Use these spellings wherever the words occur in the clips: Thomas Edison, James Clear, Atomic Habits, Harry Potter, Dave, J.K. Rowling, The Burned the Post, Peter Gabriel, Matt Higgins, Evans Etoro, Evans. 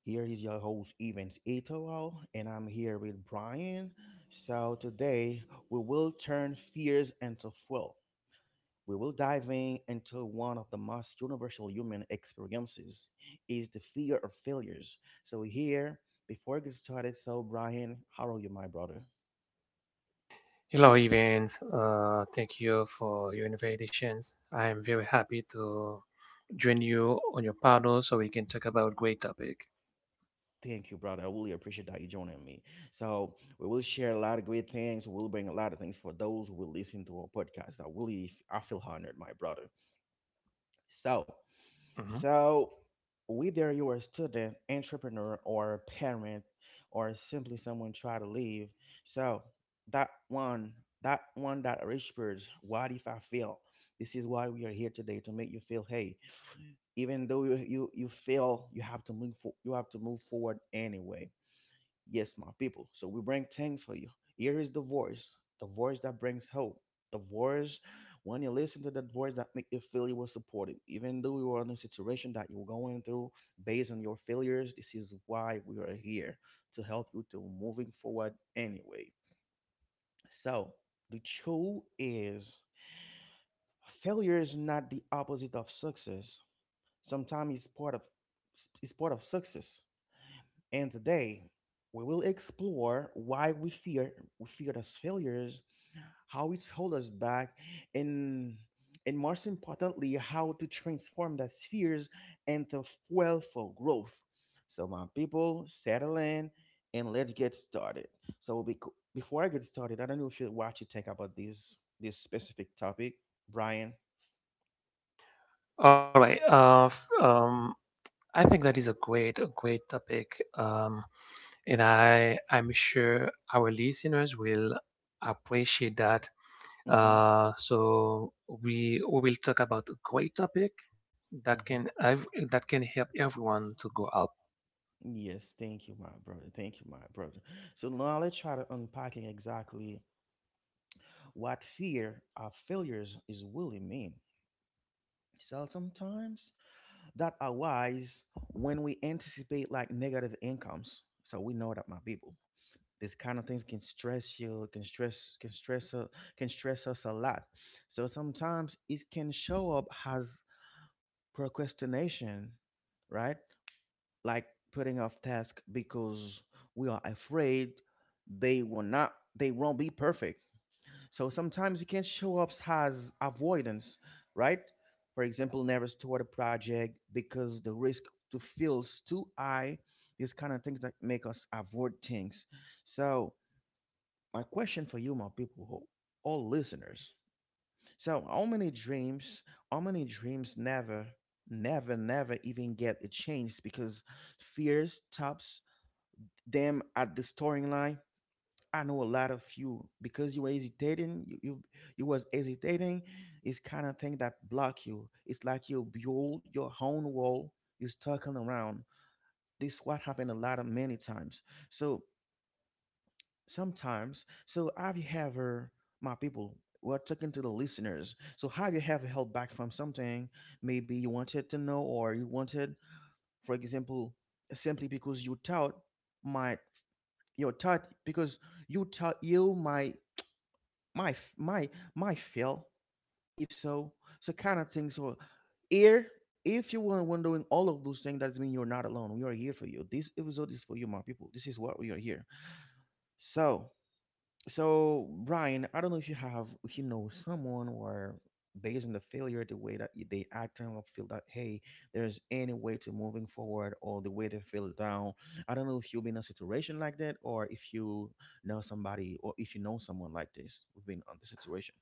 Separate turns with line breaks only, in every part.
Here is your host, Evans Etoro, and I'm here with Brian. So today we will turn fears into fuel. We will dive in into one of the most universal human experiences is the fear of failures. So here, before I get started, so Brian, how are you, my brother?
Hello, Evans. Thank you for your invitations. I am very happy to join you on your panel so we can talk about great topic.
Thank you, brother. I really appreciate that you joining me. So we will share a lot of great things. We'll bring a lot of things for those who will listen to our podcast. I really, I feel honored, my brother. So,
Mhm.
so whether you're a student, entrepreneur, or a parent, or simply someone try to leave, so that one, that one that whispers, "What if I fail?" This is why we are here today to make you feel, hey, even though you fail, you have to move forward anyway. Yes, my people. So we bring things for you. Here is the voice that brings hope, the voice when you listen to that voice that make you feel you were supported, even though you are in a situation that you're going through based on your failures. This is why we are here to help you to moving forward anyway. So the truth is, failure is not the opposite of success. Sometimes it's part of success. And today, we will explore why we fear those failures, how it holds us back, and and most importantly, how to transform those fears into fuel for growth. So, my people, settle in and let's get started. So, before I get started, I don't know if you what you think about this specific topic, Brian.
All right. I think that is a great topic. And I'm sure our listeners will appreciate that.
Mm-hmm.
So we will talk about a great topic that
Mm-hmm.
that can help everyone to go out.
Yes, thank you, my brother. Thank you, my brother. So now let's try to unpacking exactly what fear of failures is really mean. So sometimes that arise when we anticipate like negative incomes. So we know that, my people, this kind of things can stress you, can stress us a lot. So sometimes it can show up as procrastination, right? Like putting off tasks because we are afraid they will not, they won't be perfect. So sometimes you can show up as avoidance, right? For example, never start a project because the risk to feels too high. These kind of things that make us avoid things. So my question for you, my people, all listeners. So how many dreams, how many dreams never, never even get a chance because fear stops them at the storyline? I know a lot of you because you were hesitating. You was hesitating. It's kind of thing that block you. It's like you build your own wall. You circling around. This what happened a lot of many times. So sometimes, so have you ever, my people? We're talking to the listeners. So have you ever held back from something? Maybe you wanted to know, or you wanted, for example, simply because you thought might your thought because you thought you might, my my, my feel if so, so kind of thing. So here, if you were wondering all of those things, that means you're not alone. We are here for you. This episode is for you, my people. This is what we are here. So, so Brian, I don't know if you have, if you know someone or based on the failure, the way that they act and feel, that hey, there's any way to moving forward, or the way they feel down. I don't know if you've been in a situation like that, or if you know somebody, or if you know someone like this we've been on the situation.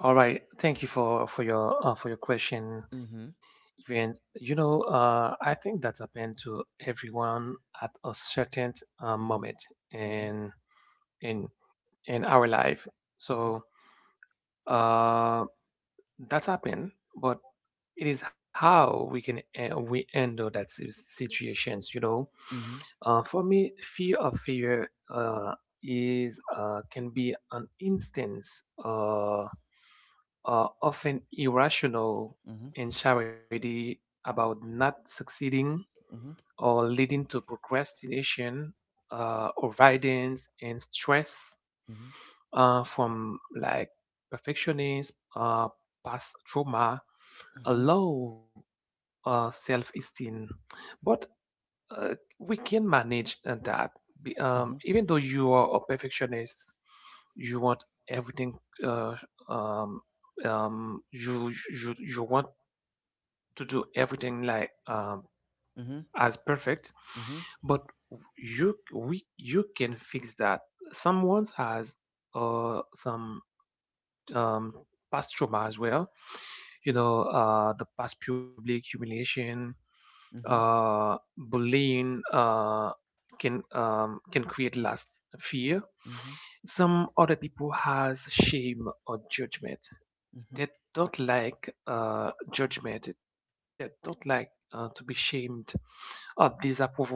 All right. Thank you for your for your question.
Mm-hmm.
Even you know, I think that happened to everyone at a certain
Mhm,
moment
mhm,
in in in our life.
mhm,
So uh, that's happened, but it is how we can we handle that situations. You know,
mhm,
for me, fear of fear is can be an instance. Often irrational
mhm,
anxiety about not succeeding
mhm,
or leading to procrastination, avoidance, and stress
mhm,
from like perfectionism, past trauma, a
mhm,
low self-esteem. But uh, we can manage that.
mhm,
Even though you are a perfectionist, you want everything. Uh, um, you want to do everything like
mhm,
as
mhm,
perfect, but you can fix that. Someone has some um, past trauma as well. You know, the past public humiliation,
mhm,
bullying can create last fear.
mhm,
Some other people has shame or judgment.
mhm,
They don't like judgment. They don't like to be shamed or disapproval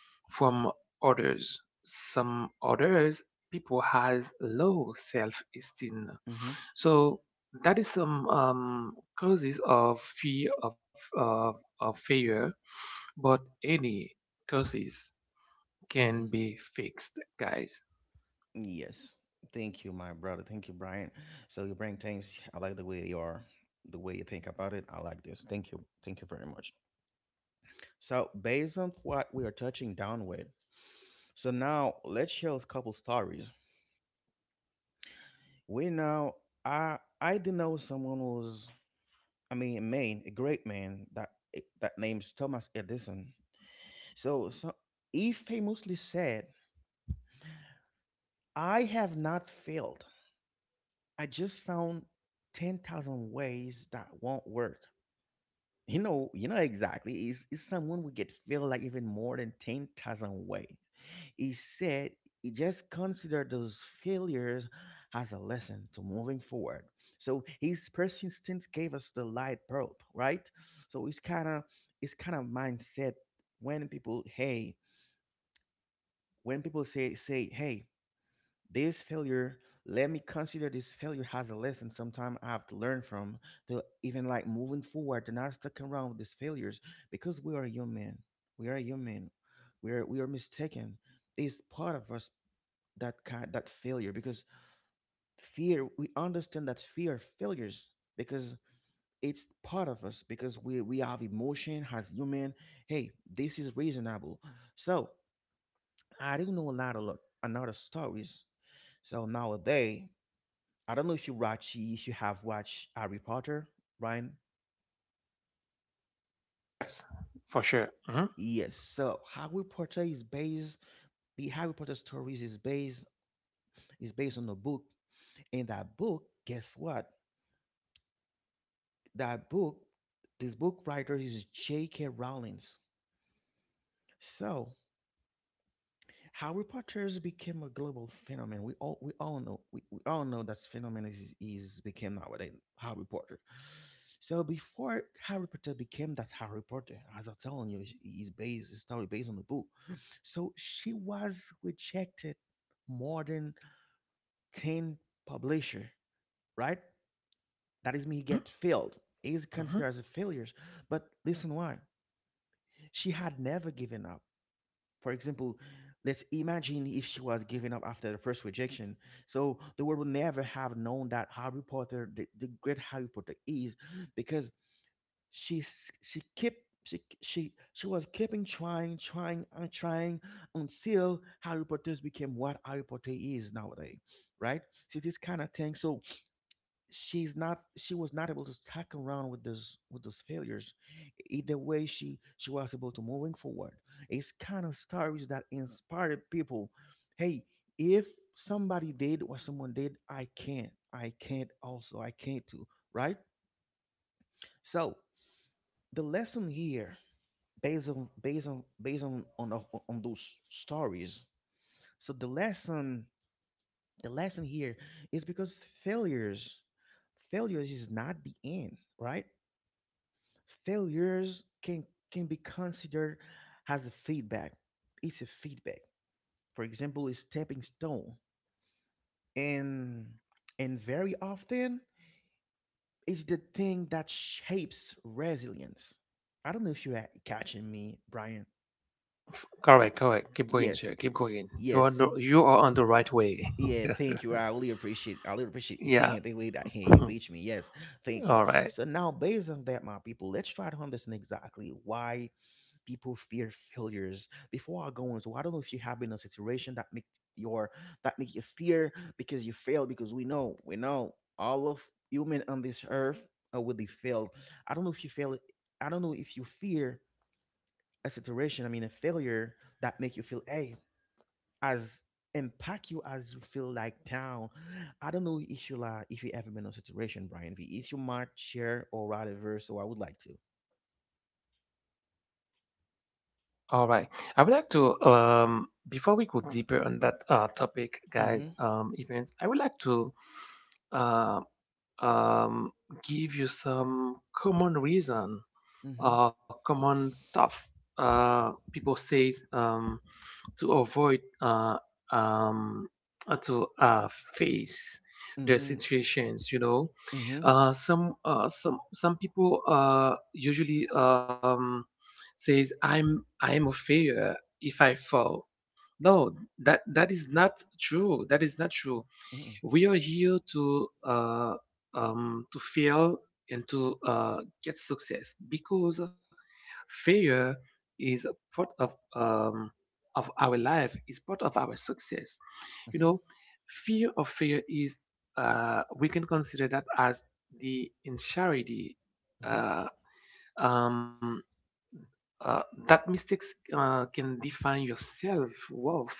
from others. Some others people has low self-esteem,
mhm,
so that is some causes of fear of failure, but any causes
mhm.
can be fixed, guys.
Yes. Thank you, my brother. Thank you, Brian. So you bring things. I like the way you are, the way you think about it. I like this. Thank you. Thank you very much. So based on what we are touching down with, so now let's share a couple stories. We know, I do know someone who's, I mean a man, a great man, that that name's Thomas Edison. So Eve famously said, "I have not failed. I just found 10,000 ways that won't work." You know exactly. Is someone would get failed like even more than 10,000 ways. He said he just considered those failures as a lesson to moving forward. So his persistence gave us the light bulb, right? So it's kind of mindset. When people, hey, when people say, hey, this failure, let me consider this failure as a lesson sometime I have to learn from, to even like moving forward to not stuck around with these failures, because we are human. We are human. We are mistaken. It's part of us, that kind, that failure, because fear we understand that fear failures, because it's part of us, because we have emotion as human. Hey, this is reasonable. So I do know a lot of, another stories. So nowadays, I don't know if you have watched Harry Potter, right?
Yes, for sure. hmm
Yes. So Harry Potter is based, the Harry Potter stories is based on a book. And that book, guess what? That book, this book writer is J.K. Rowling. So Harry Potter's became a global phenomenon. We all know, we all know, that phenomenon is became nowadays Harry Potter. So before Harry Potter became that Harry Potter, as I'm telling you, is based, his story based on the book. So she was rejected more than 10 publisher, right? That is me get failed. Is considered
hmm
as a failure. But listen why. She had never given up. For example, let's imagine if she was giving up after the first rejection. So the world would never have known that Harry Potter, the great Harry Potter, is, because she kept, she was keeping trying, trying and trying, until Harry Potter became what Harry Potter is nowadays, right? So this kind of thing. So she was not able to tack around with those failures. Either way, she was able to moving forward. It's kind of stories that inspired people, hey, if somebody did what someone did, I can't, I can't also, I can't too, right? So the lesson here, based on, on those stories, so the lesson, the lesson here is because failures, is not the end, right? Failures can, be considered as a feedback. It's a feedback, for example, a stepping stone, and, very often it's the thing that shapes resilience. I don't know if you're catching me, Brian.
Correct, correct. Keep going,
Yes.
sir. Keep going. You are
Yes.
you are on the right way.
Yeah. Thank you. I really appreciate
Yeah.
the way that, hey, you
All
beat me. Yes. Thank you.
right.
So now based on that, my people, let's try to understand exactly why people fear failures. Before I go on, so I don't know if you have been in a situation that make your, that make you fear because you failed. Because we know, all of human on this earth are would they failed. I don't know if you fail, I don't know if you fear a situation, I mean a failure, that make you feel hey, as impact you as you feel like down. I don't know if you like if you ever been in a situation, Brian, v if you might share or write a verse, so I would like to.
All right. I would like to before we go deeper on that topic, guys,
Mm-hmm.
events, I would like to um um, give you some common reason
Mm-hmm.
or common tough people says to avoid um, to face their
Mm-hmm.
situations, you know.
Mm-hmm.
Some some people usually says, I'm a failure if I fall. No, that that is not true. That is not true.
Mm-hmm.
We are here to fail and to get success, because failure is a part of our life. Is part of our success. You know, fear of failure is, we can consider that as the insanity.
Mhm.
Uh, um. Uh, that mistakes can define your self-worth,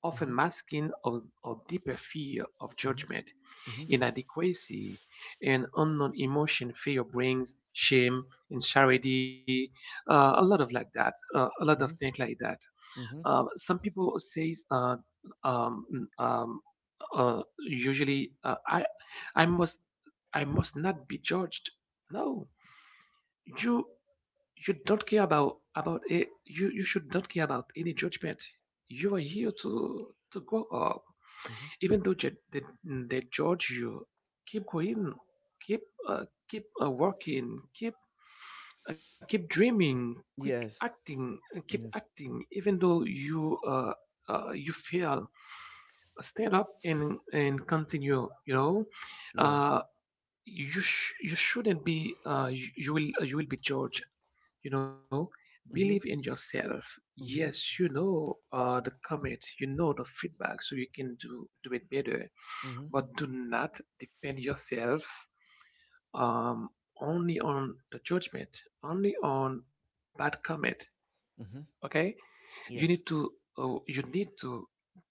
often
Mhm.
masking a deeper fear of
Mhm.
judgment,
Mhm.
inadequacy, and unknown emotion. Fear brings shame, insecurity, a lot of
Mhm.
things like that.
Mhm.
Some people says um, um, usually, I must, I must not be judged. No, you don't care about it. You should not care about any judgment. You are here to grow up.
Mhm.
Even though they judge you, keep going. keep Keep working, keep keep dreaming, keep
Yes.
acting, uh, keep
Yes.
acting even though you you fail. Stand up and continue, you know.
Yeah.
uh you shouldn't be you will, you will be judged, you know. Believe in
Mhm.
yourself,
Mhm.
yes, you know. The comments, you know, the feedback, so you can do it better,
Mhm.
but do not depend yourself um, only on the judgment, only on bad comment.
Mhm.
Okay, you need
Yes.
to you need to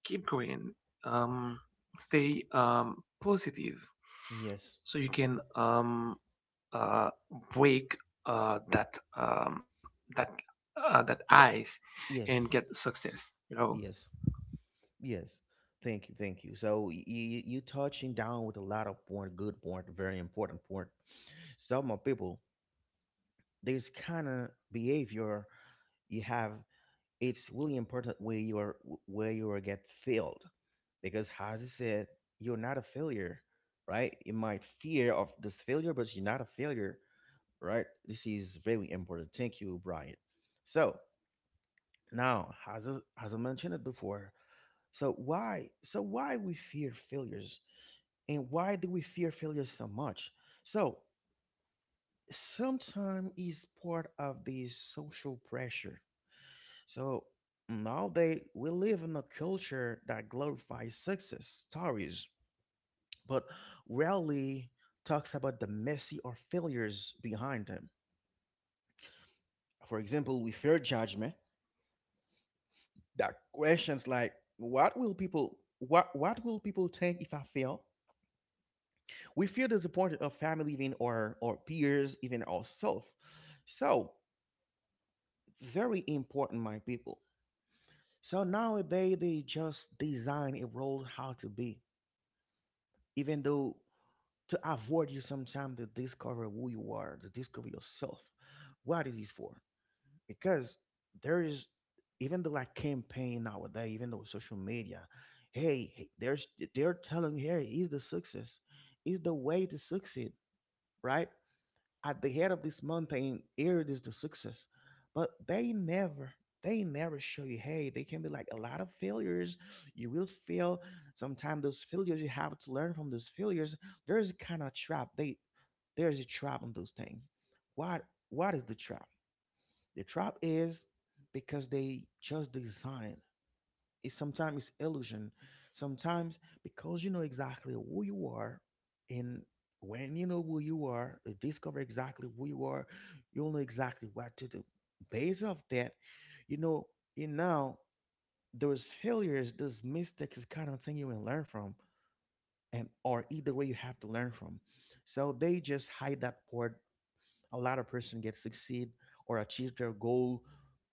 keep going, um, stay positive,
Yes.
so you can uh, break uh, that um, that that
The-
ice and
yes.
get success. You know.
Yes. Yes. Thank you. Thank you. So you, touching down with a lot of point, good point, very important point. Some of people, this kind of behavior you have, it's really important where you are, get failed. Because as you said, you're not a failure, right? You might fear of this failure, but you're not a failure, right? This is very important. Thank you, Brian. So now, as I, as I mentioned it before, so why we fear failures, and why do we fear failures so much. So sometimes is part of the social pressure. So nowadays we live in a culture that glorifies success stories, but rarely talks about the messy or failures behind them. For example, we fear judgment. That questions like, what will people, what will people think if I fail? We feel disappointed of family even, or peers, even ourselves. So it's very important, my people. So nowadays they just design a role how to be, even though to avoid you sometimes to discover who you are, to discover yourself. What it is for? Because there is, even though like campaign nowadays, even though social media, hey, there's they're telling, here is the success, is the way to succeed, right? At the head of this mountain, here it is the success, but they never. They never show you, hey, they can be like a lot of failures. You will fail. Sometimes those failures, you have to learn from those failures. There's a kind of trap. They There's a trap on those things. What what is the trap? The trap is because they just design. It's Sometimes it's illusion. Sometimes because you know exactly who you are, and when you know who you are, you discover exactly who you are, you'll know exactly what to do. Based off that, you know, you now those failures, those mistakes is kind of thing you can learn from, and or either way you have to learn from. So they just hide that part, a lot of person get succeed or achieve their goal,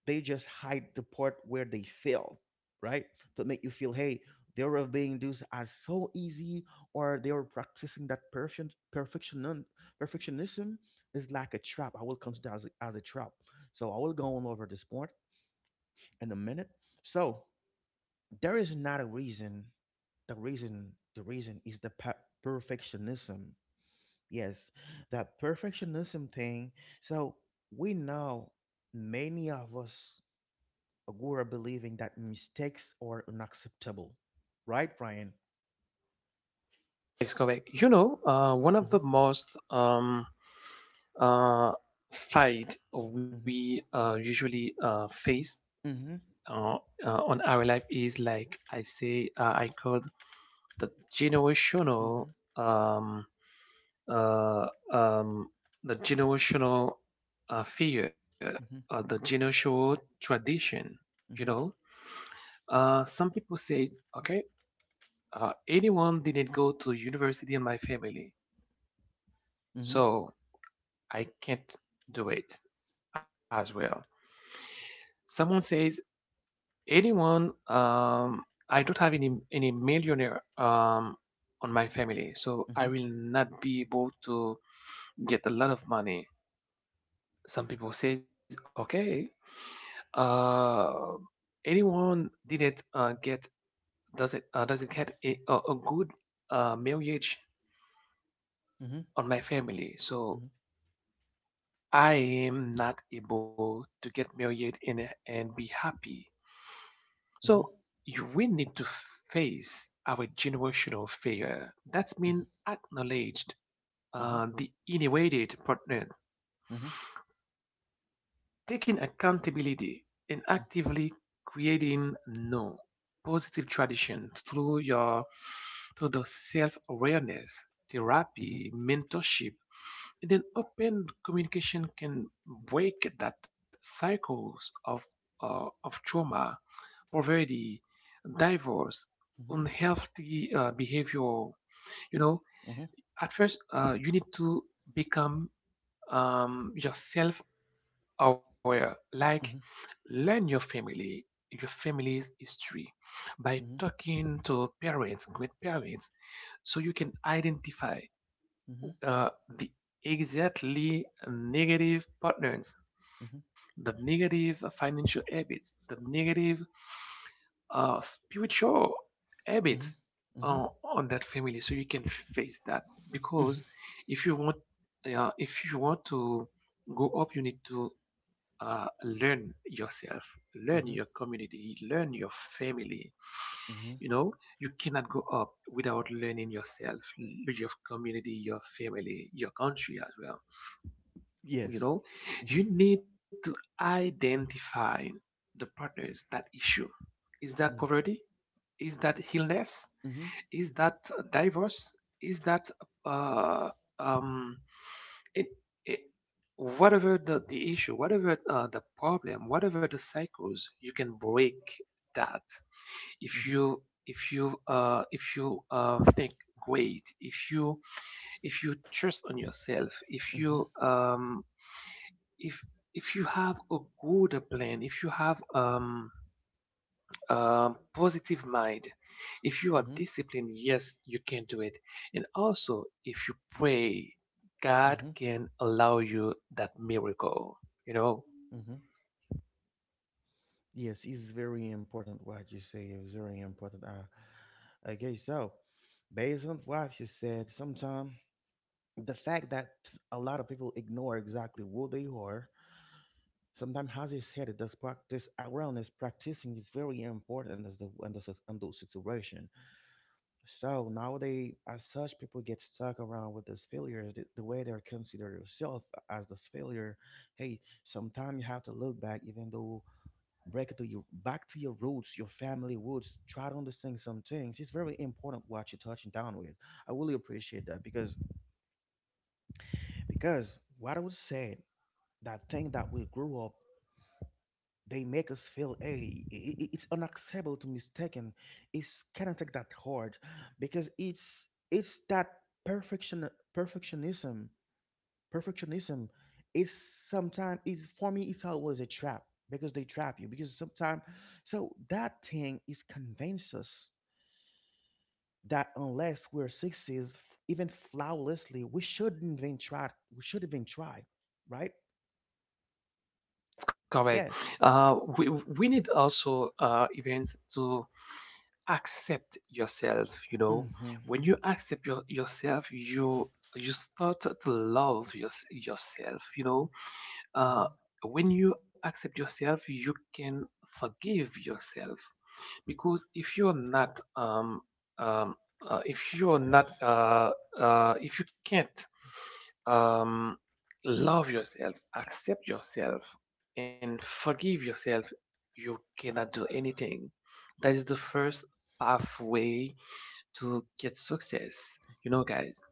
they just hide the part where they fail, right, to make you feel, hey, they were being this as so easy, or they were practicing that perfectionism. Is like a trap, I will consider as a trap. So I will go on over this point in a minute. So there is not a reason. The reason is the perfectionism. Yes, that perfectionism thing. So we know, many of us grew up believing that mistakes are unacceptable, right, Brian?
Yes, correct. You know, one of
Mhm,
the most uh, fight
mhm,
we usually face
mhm,
uh, on our life is, like I say, I called the
mhm,
generational, um, uh, um, the generational fear,
mhm,
the generational tradition. You know,
mhm,
some people say, okay, anyone didn't go to university in my family,
mhm, mhm,
so I can't do it as well. Someone says, anyone I don't have any millionaire on my family, so I
mhm,
will not be able to get a lot of money. Some people says, okay, uh anyone didn't get doesn't get a good marriage
mhm, mhm, mhm, mhm,
on my family, so I am not able to get married and be happy.
mhm,
So
mhm,
you will need to face our generational failure. That means acknowledged
mhm, mhm, mhm,
the innovated partner,
mhm,
taking accountability and
mhm,
actively creating no positive tradition through your through the self-awareness,
mhm,
therapy, mentorship, and then open communication can break that cycles of trauma, poverty, divorce,
mhm,
unhealthy behavior. You know, at first, you need to become yourself aware, like learn your family, your family's history by talking to parents, great parents, so you can identify uh, the exactly negative patterns, the negative financial habits, the negative spiritual habits
mhm, mhm,
on that family so you can face that, because if you want, to go up, you need to learn yourself, learn your community, learn your family.
mhm.
You know, you cannot go up without learning yourself, your community, your family, your country as well, you
Yes.
know. You
Mhm,
need to identify the partners. That issue, is that
mhm,
poverty? Is that illness?
mhm,
Is that divorce? Is that uh, um, it, it, whatever the issue, whatever the problem, whatever the cycles, you can break that if
mhm,
you think great, if you, trust on yourself,
mhm,
if if you have a good plan, if you have positive mind. If you are
mhm,
disciplined, yes, you can do it. And also, if you pray, God
mhm,
can allow you that miracle. You know,
mhm. Yes, it's very important what you say. It's very important. Okay, so based on what you said, sometimes the fact that a lot of people ignore exactly who they are, sometimes, as you said, it does practice awareness, practicing is very important as the, in those situation. So nowadays, as such, people get stuck around with those failures. The way they consider yourself as this failure, hey, sometimes you have to look back, even though, break to your back to your roots, your family roots. Try to understand some things. It's very important what you're touching down with. I really appreciate that, because what I was saying, that thing that we grew up, they make us feel, hey, it's unacceptable to mistaken. It's cannot take that hard because it's that perfectionism perfectionism is, sometimes it's, for me it's always a trap, because they trap you, because sometimes, so that thing is convinces us that unless we're sixes, even flawlessly, we shouldn't even try, we should even try, right?
that's correct.
Yes.
We need also events to accept yourself. You know,
Mm-hmm.
when you accept yourself, you start to love yourself. You know, uh, when you accept yourself you can forgive yourself, because if you're not um, if you're not if you can't um, love yourself, accept yourself and forgive yourself, you cannot do anything. That is the first pathway to get success, you know, guys.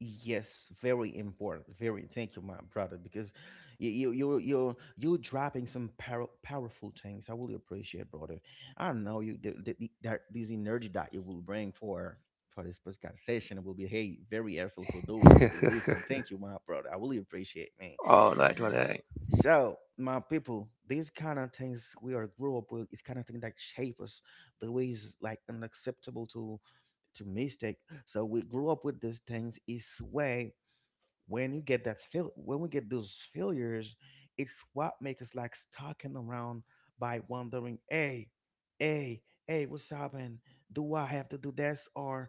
Yes, very important. Very. Thank you, my brother, because you dropping some powerful things. I really appreciate, brother. I know you, that this energy that you will bring for this podcast session will be, hey, very helpful for those who will listen. Thank you, my brother. I really appreciate, man.
All right, well,
So, my people, these kind of things we are grew up with, it's kind of thing that shape us the ways like unacceptable to mistake. So we grew up with these things. It's way when you get that fail, when we get those failures, it's what makes us like stalking around by wondering, hey, what's happening? Do I have to do this, or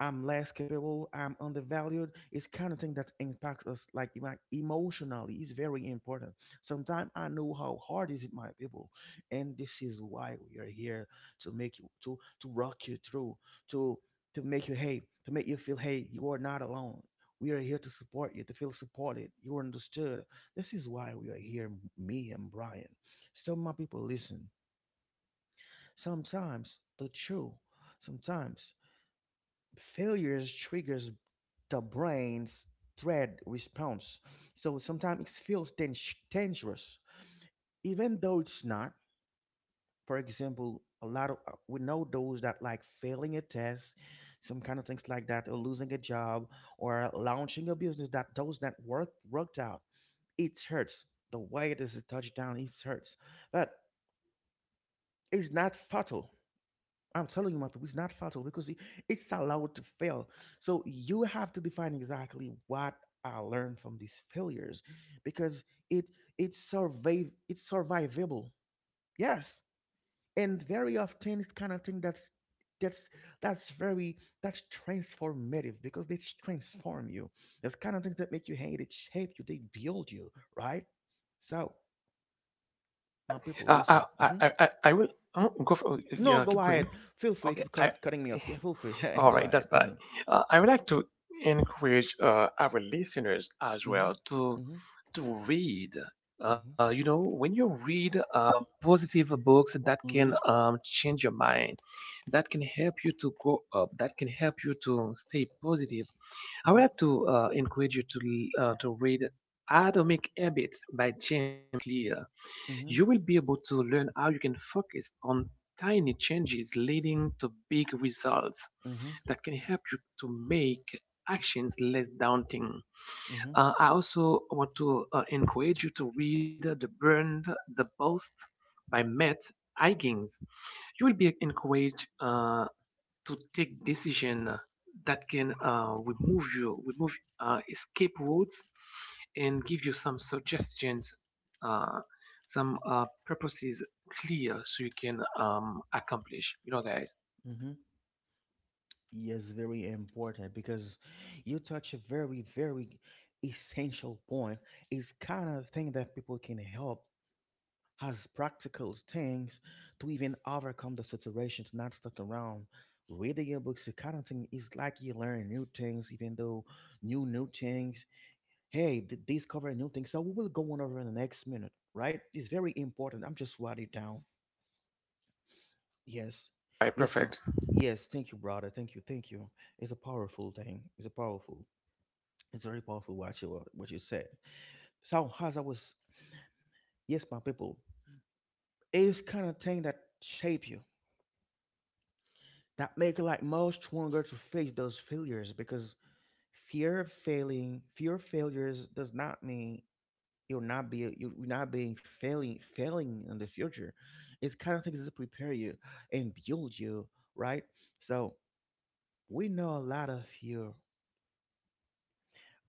I'm less capable, I'm undervalued. It's kind of thing that impacts us like emotionally. It's very important. Sometimes I know how hard is it, my people, and this is why we are here, to make you, to rock you through, to to make you, hey, to make you feel, hey, you are not alone. We are here to support you, to feel supported. You are understood. This is why we are here, me and Brian. So my people, listen. Sometimes the truth, sometimes failures triggers the brain's threat response. So sometimes it feels dangerous, even though it's not. For example, a lot of we know those that like failing a test, some kind of things like that, or losing a job, or launching a business that those that worked out. It hurts. The way this is touched down, it hurts, but it's not fatal. I'm telling you, my people, it's not fatal because it's allowed to fail. So you have to define exactly what I learned from these failures, because it it's survive it's survivable. Yes, and very often it's kind of thing that's that's very that's transformative because they transform you. There's kind of things that make you hate it, shape you, they build you, right? So my people, listen. Hmm.
I will oh, go for
No,
yeah.
go
Keep
ahead.
going.
Feel free. Keep
Okay. I
cutting me off. Yeah, feel free. Go
all right.
ahead.
That's
Mm-hmm.
fine. I would like to encourage our listeners as
Mhm.
well
Mhm.
to read.
Mhm.
You know, when you read positive books that can
Mm-hmm.
change your mind, that can help you to grow up, that can help you to stay positive. I would like
Mhm.
to encourage you to to read Atomic Habits by James Clear. You
Mhm.
will be able to learn how you can focus on tiny changes leading to big results
Mhm.
that can help you to make actions less daunting.
Mhm.
I also want to encourage you to read The Burned the Post by Matt Higgins. You will be encouraged to take decision that can remove you, remove escape routes, and give you some suggestions, some purposes clear so you can accomplish. You know, guys.
Mhm. Yes, very important because you touch a very, very essential point. It's kind of thing that people can help as practical things to even overcome the situation, to not stuck around. Reading your books, the kind of thing is like you learn new things, even though new things. Hey, discover new things. So we will go on over in the next minute, right? It's very important. I'm just writing it down. Yes.
All right,
Yes,
perfect.
ma. Yes, thank you, brother. Thank you, thank you. It's a powerful thing. It's a powerful. It's very powerful what you said. So as I was, yes, my people, it's kind of thing that shape you, that make you like more stronger to face those failures, because fear of failing, fear of failures does not mean you're not being failing in the future. It's kind of things that prepare you and build you, right? So we know a lot of fear,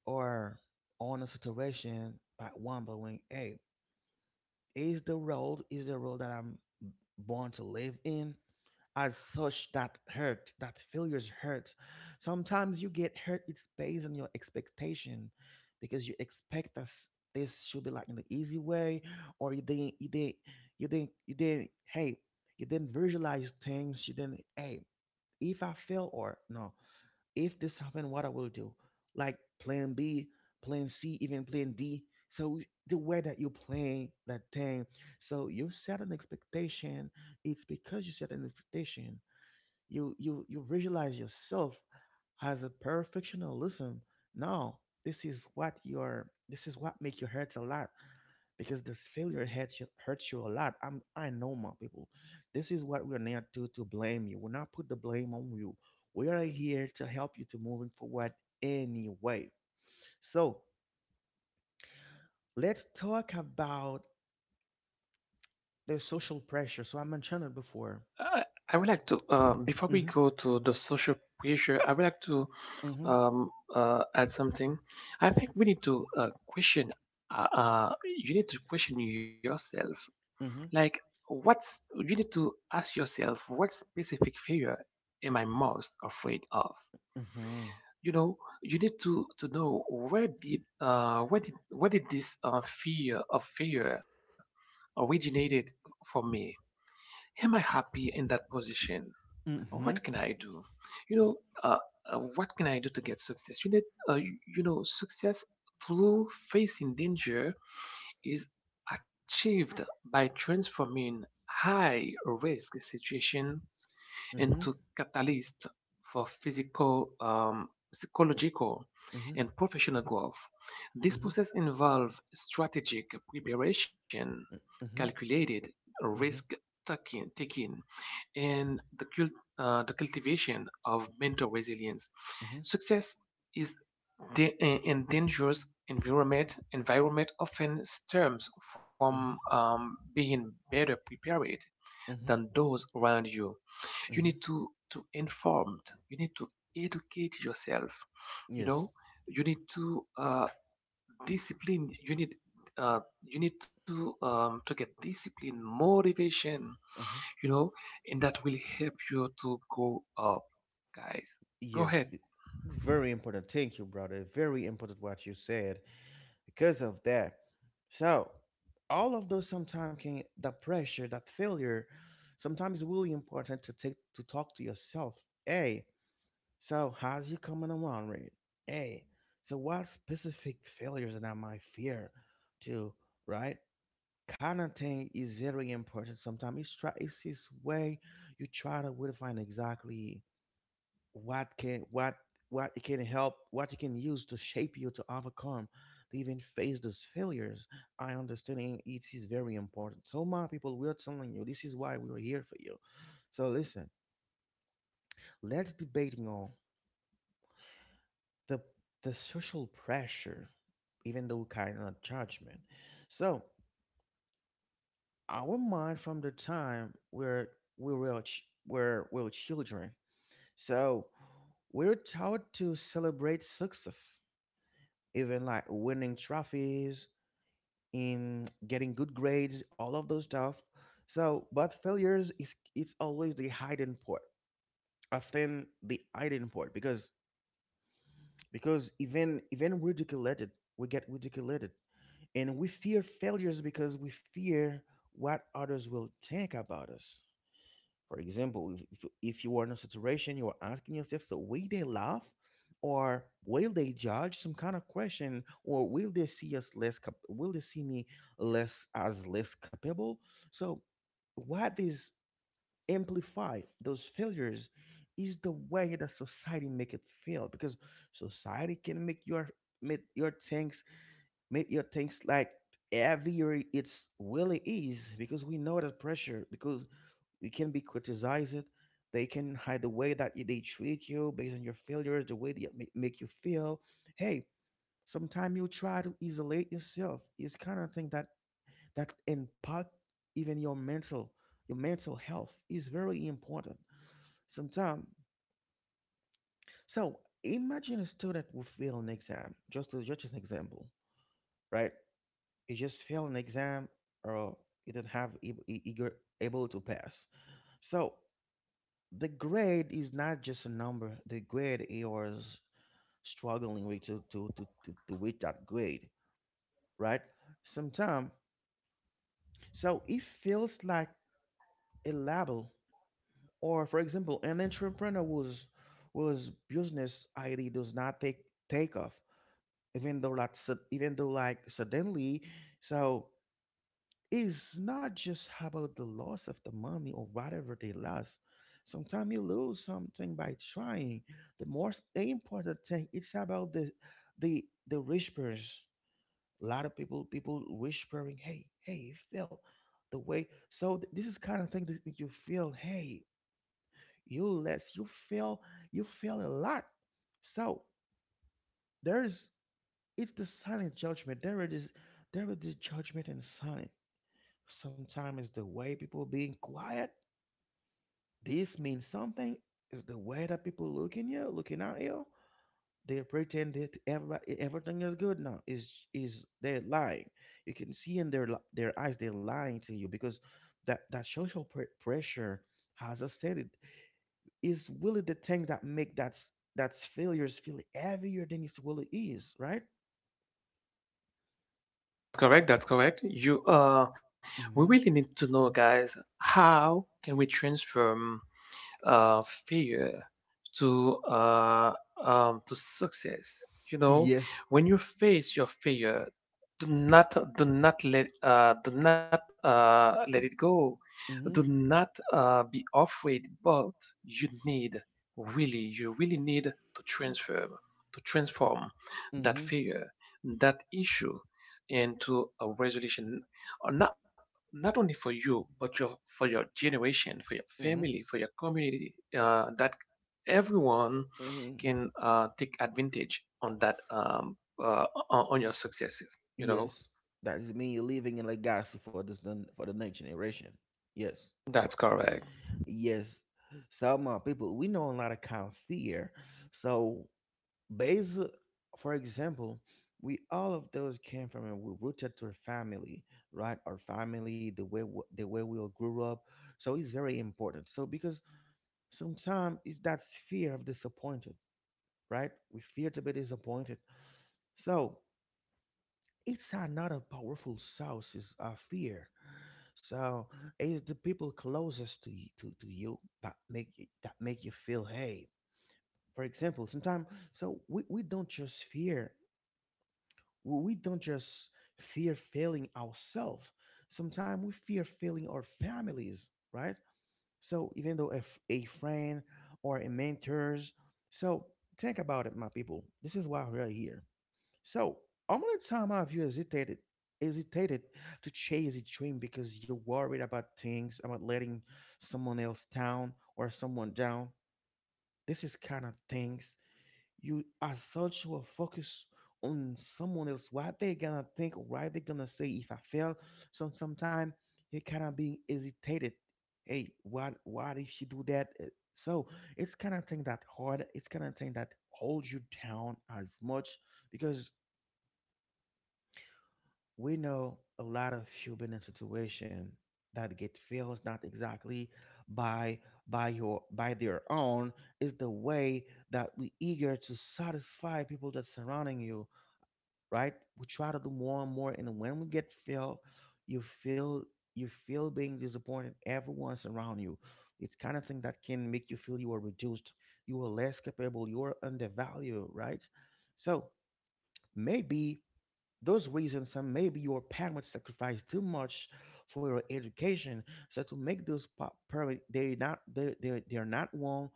or on a situation, by wondering, hey, is the road that I'm born to live in? As such, that hurt, that failures hurt. Sometimes you get hurt. It's based on your expectation, because you expect this should be like in the easy way, or you didn't. Hey, you didn't visualize things. You didn't. Hey, if I fail or no, if this happen, what I will do. Like plan B, plan C, even plan D. So the way that you plan that thing, so you set an expectation. It's because you set an expectation. You visualize yourself as a perfectionism. No, this is what your, this is what make your hurts a lot, because this failure hurts you a lot. I know my people. This is what we're not, to blame you. We're not put the blame on you. We are here to help you to moving forward, anyway. So let's talk about the social pressure. So I mentioned it before.
I, I would like to before we
Mhm.
go to the social pressure, I would like to
Mhm.
add something. I think we need to question. Uh, uh, you need to question yourself.
Mhm.
Like, what's you need to ask yourself, what specific failure am I most afraid of?
Mhm.
You know, you need to know where did where did this fear of failure originated for me? Am I happy in that position? Oh, what
Mhm.
can I do? You
So,
know, uh, what can I do to get success? You need, you you know, success through facing danger is achieved by transforming high risk situations
mhm.
into catalysts for physical, psychological,
Mhm.
and professional growth. This
Mhm.
process involves strategic preparation,
Mhm. Mhm.
calculated taking and the cultivation of mental resilience.
Mhm.
Success is in dangerous environment. Environment often stems from
Mhm.
being better prepared
Mhm.
than those around you. You
Mhm.
need to informed. You need to educate yourself. You
Yes.
know. You need to discipline. Uh, you need to get discipline, motivation,
Mm-hmm.
you know, and that will help you to go up, guys. Go
Yes,
ahead.
it's very important. Thank you, brother. Very important what you said because of that. So, all of those sometimes can, that pressure, that failure, sometimes really important to take to talk to yourself. Hey, so how's you coming along, right? Hey, so what specific failures that I might fear to, right? Kind of thing is very important. Sometimes it's this way, you try to define exactly what can what it can help, what you can use to shape you, to overcome, to even face those failures. I understanding it is very important. So my people, we are telling you, this is why we are here for you. So listen, let's debating on the the social pressure, even though kind of judgment. So our mind, from the time where where we were children, so we're taught to celebrate success, even like winning trophies in getting good grades, all of those stuff. So but failures is, it's always the hidden part, often the hidden part, because even even ridiculed we get ridiculed, and we fear failures because we fear what others will think about us. For example, if you are in a situation, you are asking yourself, so will they laugh, or will they judge, some kind of question, or will they see me less, as less capable? So what is amplify those failures is the way that society make it feel, because society can make your, make your things make your things like heavier. It's really is, because we know that pressure, because you can be criticized. They can hide the way that they treat you based on your failures, the way they make you feel. Hey, sometimes you try to isolate yourself. It's kind of thing that impact even your mental health is very important. Sometimes, so imagine a student who fail an exam. Just as an example, right? He just failed an exam or he didn't have eager able to pass. So the grade is not just a number. The grade you is struggling with to reach that grade, right? Sometimes, so it feels like a label. Or for example, an entrepreneur whose business idea does not take off, even though like suddenly, so it's not just about the loss of the money or whatever they lost. Sometimes you lose something by trying. The most important thing it's about the whispers. A lot of people whispering, "Hey, you feel the way." So this is kind of thing that make you feel, "Hey, you less, you feel a lot." So there's it's the silent judgment. There it is, judgment and silent. Sometimes it's the way people being quiet. This means something. Is the way that people looking at you. They pretend that everything is good now. Is they're lying? You can see in their their eyes they're lying to you because that social pressure, as I said, it is really the thing that make that failures feel heavier than it really is, right?
Correct. That's correct. You we really
Mm-hmm.
need to know, guys, how can we transform uh failure to uh to success? You know,
Yes.
when you face your failure, do not let do not let it go. Do
Mm-hmm.
not be afraid, but you need, really you really need, to transform that
Mm-hmm.
fear, that issue, into a resolution. Not not only for you but your for your generation, for your
Mm-hmm.
family, for your community, that everyone
Mm-hmm.
can take advantage on that on your successes, you know.
Yes. That is mean you're living in legacy for the next generation. Yes.
That's correct.
Yes, some people we know a lot of kind of fear. So, based, for example, we all of those came from and we rooted to our family, right? Our family, the way we all grew up. So it's very important. So because sometimes it's that fear of disappointed, right? We fear to be disappointed. So it's another powerful source is fear. So it's the people closest to you that that make you feel hey. For example, sometimes so we don't just fear, we don't just fear failing ourselves. Sometimes we fear failing our families, right? So even though if a friend or a mentors, so think about it, my people. This is why we're here. So, how many times have you hesitated to chase a dream because you're worried about things, about letting someone else down or someone down? This is kind of things you, as such, will focus on someone else, what they gonna think, what they gonna say if I fail. So sometimes you kind of being hesitated. Hey, what if you do that? So it's kind of thing that hard. It's kind of thing that holds you down as much because we know a lot of human situation that get feels not exactly by by your by their own. Is the way that we eager to satisfy people that surrounding you, right? We try to do more and more, and when we get fail, you feel you feel being disappointed everyone's around you. It's kind of thing that can make you feel you are reduced, you are less capable, you are undervalued, right? So maybe those reasons are maybe your parents sacrificed too much for your education. So to make those parents, they're not wrong.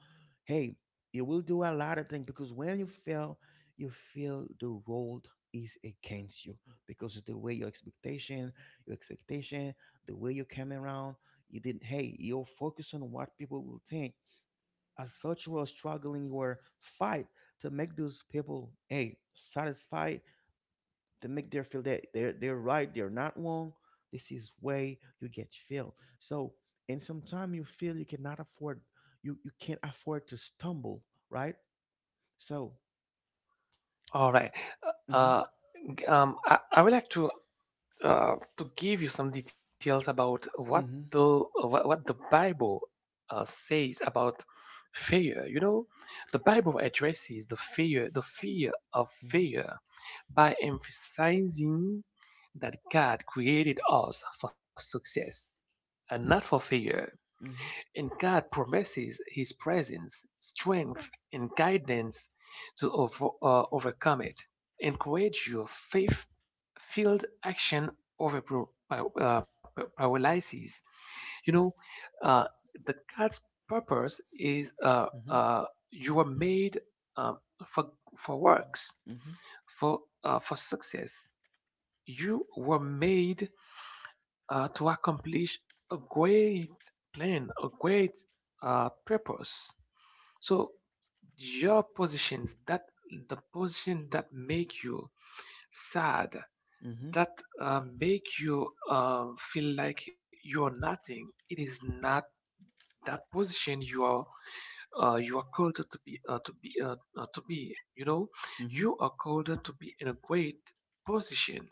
Hey, you will do a lot of things because when you fail, you feel the world is against you because of the way your expectation, the way you came around. You didn't. Hey, you're focused on what people will think. As such, you are struggling your fight to make those people hey satisfied, they make them feel that they're right, they're not wrong. This is way you get feel. So and sometimes you feel you can't afford to stumble, right? So
All right.
mm-hmm,
uh, I, would like to give you some details about
mm-hmm,
what the Bible says about fear. You know, the Bible addresses the fear of
mm-hmm,
fear by emphasizing that God created us for success and not for fear.
mm-hmm,
And God promises His presence, strength, and guidance to overcome it. Encourage your faith filled action over paralysis. You know, uh, the God's purpose is, you are made, uh, for, for works,
mm-hmm,
for success. You were made to accomplish a great plan, a great, purpose. So your positions that the position that make you sad,
mm-hmm,
that make you feel like you're nothing, it is not that position you are, you are called to be, to be. You know,
mm-hmm,
you are called to be in a great position.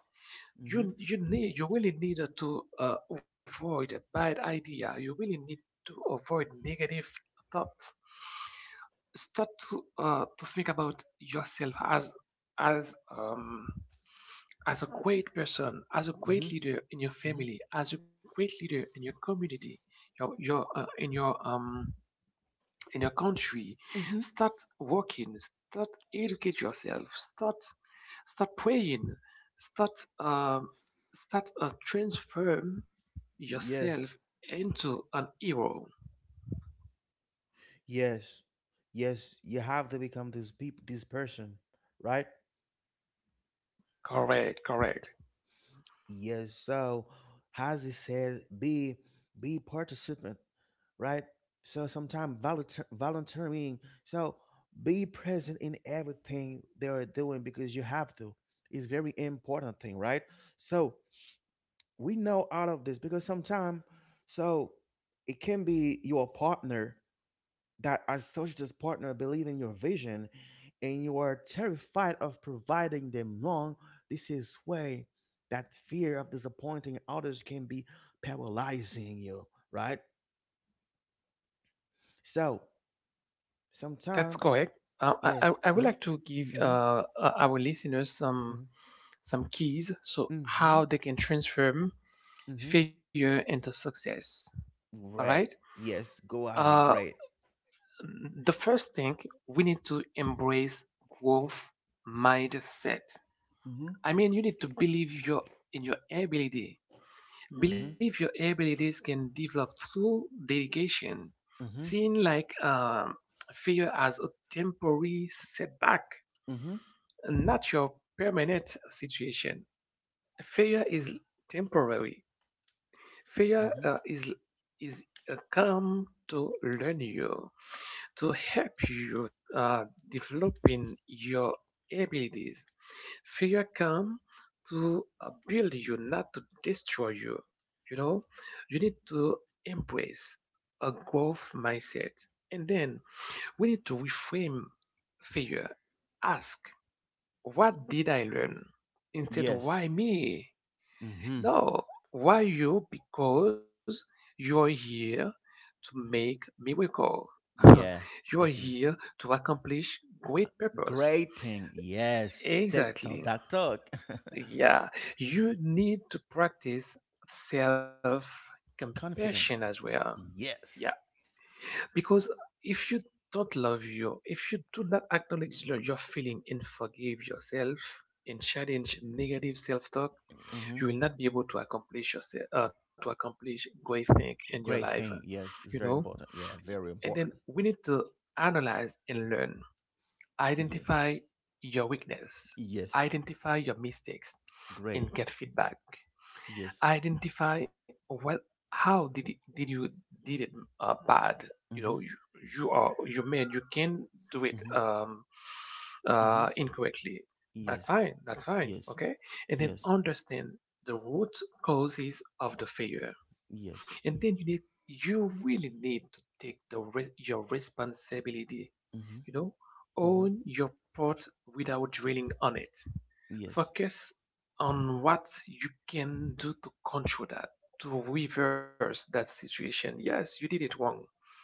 mm-hmm,
You need, you really need to avoid a bad idea. You really need to avoid negative thoughts. Start to think about yourself as, as um as a great person, as a
mm-hmm,
great leader
mm-hmm,
in your
mm-hmm,
family, as a great leader in your community, your in your in your country.
mm-hmm.
Start working, start educate yourself, start, start praying, start um, start transform yourself
Yes,
into an hero.
yes, yes. You have to become this peop this person, right?
Correct. Correct.
Yes. So, as it says, be participant, right? So sometimes volunteering. So be present in everything they are doing because you have to. It's very important thing, right? So we know out of this because sometimes, so it can be your partner that associates partner believe in your vision, and you are terrified of providing them wrong. This is way that fear of disappointing others can be paralyzing you, right? So
That's
sometimes,
correct. I,
yes,
I would
hmm,
like to give,
hmm,
our listeners some keys so
hmm, hmm,
how they can transform
hmm,
failure into success. All right.
right, yes, go
uh,
ahead, great.
The first thing, we need to embrace growth mindset.
Hmm,
I mean, you need to believe your in your ability. Believe
hmm,
your abilities can develop through dedication.
hmm,
Seeing like, failure as a temporary setback,
hmm,
not your permanent situation. Failure is temporary. Failure
hmm.
is a come to learn you, to help you uh, developing your abilities. Fear come to build you, not to destroy you. You know, you need to embrace a growth mindset. And then we need to reframe fear. Ask, what did I learn? Instead,
Yes,
why me?
hmm,
No, why you? Because you're here to make miracle.
yeah,
You're
this is
here to accomplish great purpose.
great thing. Yes, TikTok, that
Exactly.
talk.
Yeah, you need to practice self compassion
Confidence.
as well.
Yes.
Yeah, because if you don't love you, if you do not acknowledge your feeling and forgive yourself and challenge negative self talk,
Hmm.
you will not be able to accomplish yourself, to accomplish great things in your
Great
life,
thing. Yes. It's
you
very
know.
important. Yeah. Very
And
important.
then we need to analyze and learn,
Yes.
identify your weakness,
Yes.
identify your mistakes,
Great.
and get feedback.
Yes.
Identify well, how did it bad. You
Mm-hmm.
know, you are, you made, you can do
Mm-hmm.
it,
Mm-hmm.
incorrectly.
Yes.
That's fine, that's fine,
Yes.
okay. And then
Yes.
understand the root causes of the failure.
Yes.
And then you need, you really need to take your responsibility.
Mm-hmm.
You know,
Mm-hmm.
own your part without dwelling on it.
Yes.
Focus on what you can do to control that, to reverse that situation. Yes, you did it wrong,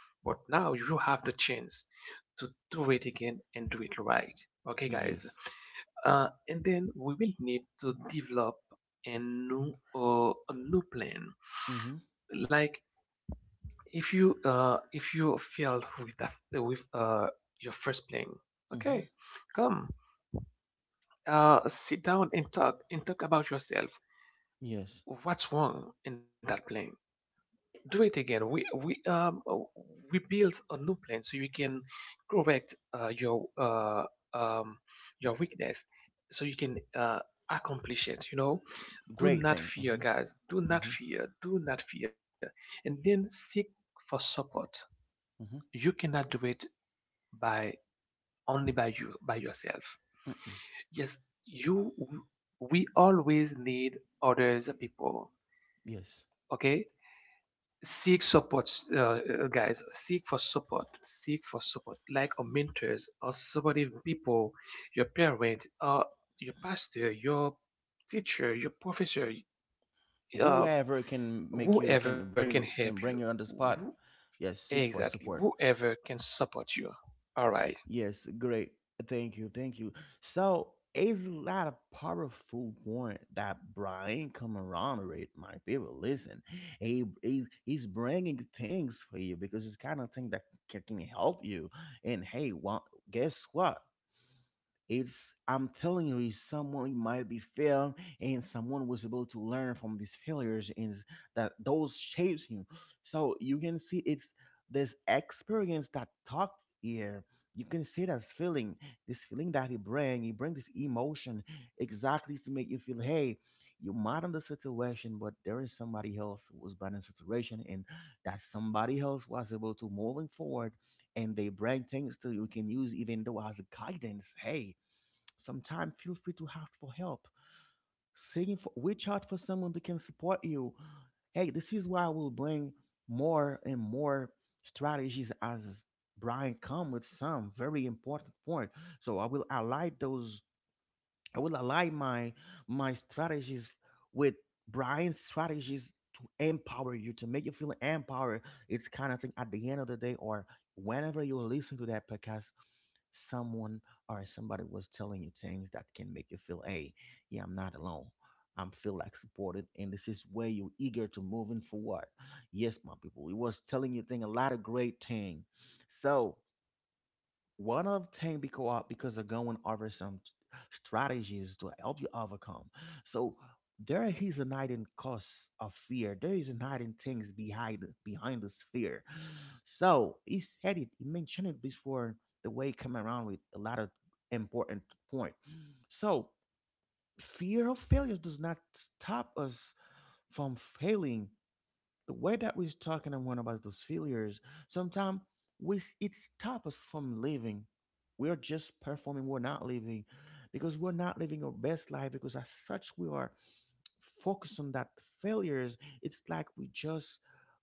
but now you have the chance to do it again and do it right. Okay, guys.
Yes.
And then we will need to develop a new, a new plan.
Mm-hmm.
Like, if you failed with that with your first plan, okay,
Mm-hmm.
come, sit down and talk, and talk about yourself.
Yes.
What's wrong in that plan? Do it again. We build a new plan so you can correct, um your weakness, so you can accomplish it. You know, do
Great
not
thing.
fear, guys. Do
Mm-hmm. Mm-hmm.
not fear. Do not fear. And then seek for support.
Mm-hmm.
You cannot do it by, only by you, by yourself.
Mm-mm.
Yes, you. We always need others people.
Yes.
Okay, seek support, guys, seek for support, seek for support, like a mentors or supportive people, your parents, or your pastor, your teacher, your professor, uh,
Whoever
whoever
can
can
bring you
help
can
you.
bring you on the
Who-
spot. Yes. Seek for
exactly,
support.
whoever can support you. All right.
Yes, great. Thank you, thank you. So it's a lot of powerful point that Brian come around with, my people. Listen, he's bringing things for you because it's kind of thing that can help you. And hey, well, guess what? It's I'm telling you, is someone might be failed, and someone was able to learn from these failures, and that those shapes you. So you can see it's this experience that talk here. You can see that feeling, this feeling that he bring this emotion exactly to make you feel, hey, you might in the situation, but there is somebody else who was bad in the situation, and that somebody else was able to moving forward, and they bring things to you can use even though as a guidance. Hey, sometimes feel free to ask for help. Reach out for someone that can support you. Hey, this is why I will bring more and more strategies as Brian come with some very important point. So I will highlight those. I will align my strategies with Brian's strategies to empower you, to make you feel empowered. It's kind of thing at the end of the day or whenever you listen to that podcast, someone or somebody was telling you things that can make you feel, hey, yeah, I'm not alone. I'm feel like supported, and this is where you're eager to moving forward. Yes, my people, it was telling you thing a lot of great thing. So one of the thing because they're going over some strategies to help you overcome. So there is an hidden cause of fear. There is an hidden things behind this fear. So he said it. He mentioned it before. The way he come around with a lot of important point. So fear of failure does not stop us from failing the way that we're talking about those failures, sometimes it stops us from living. We are just performing. We're not living because we're not living our best life. Because as such, we are focused on that failures. It's like we just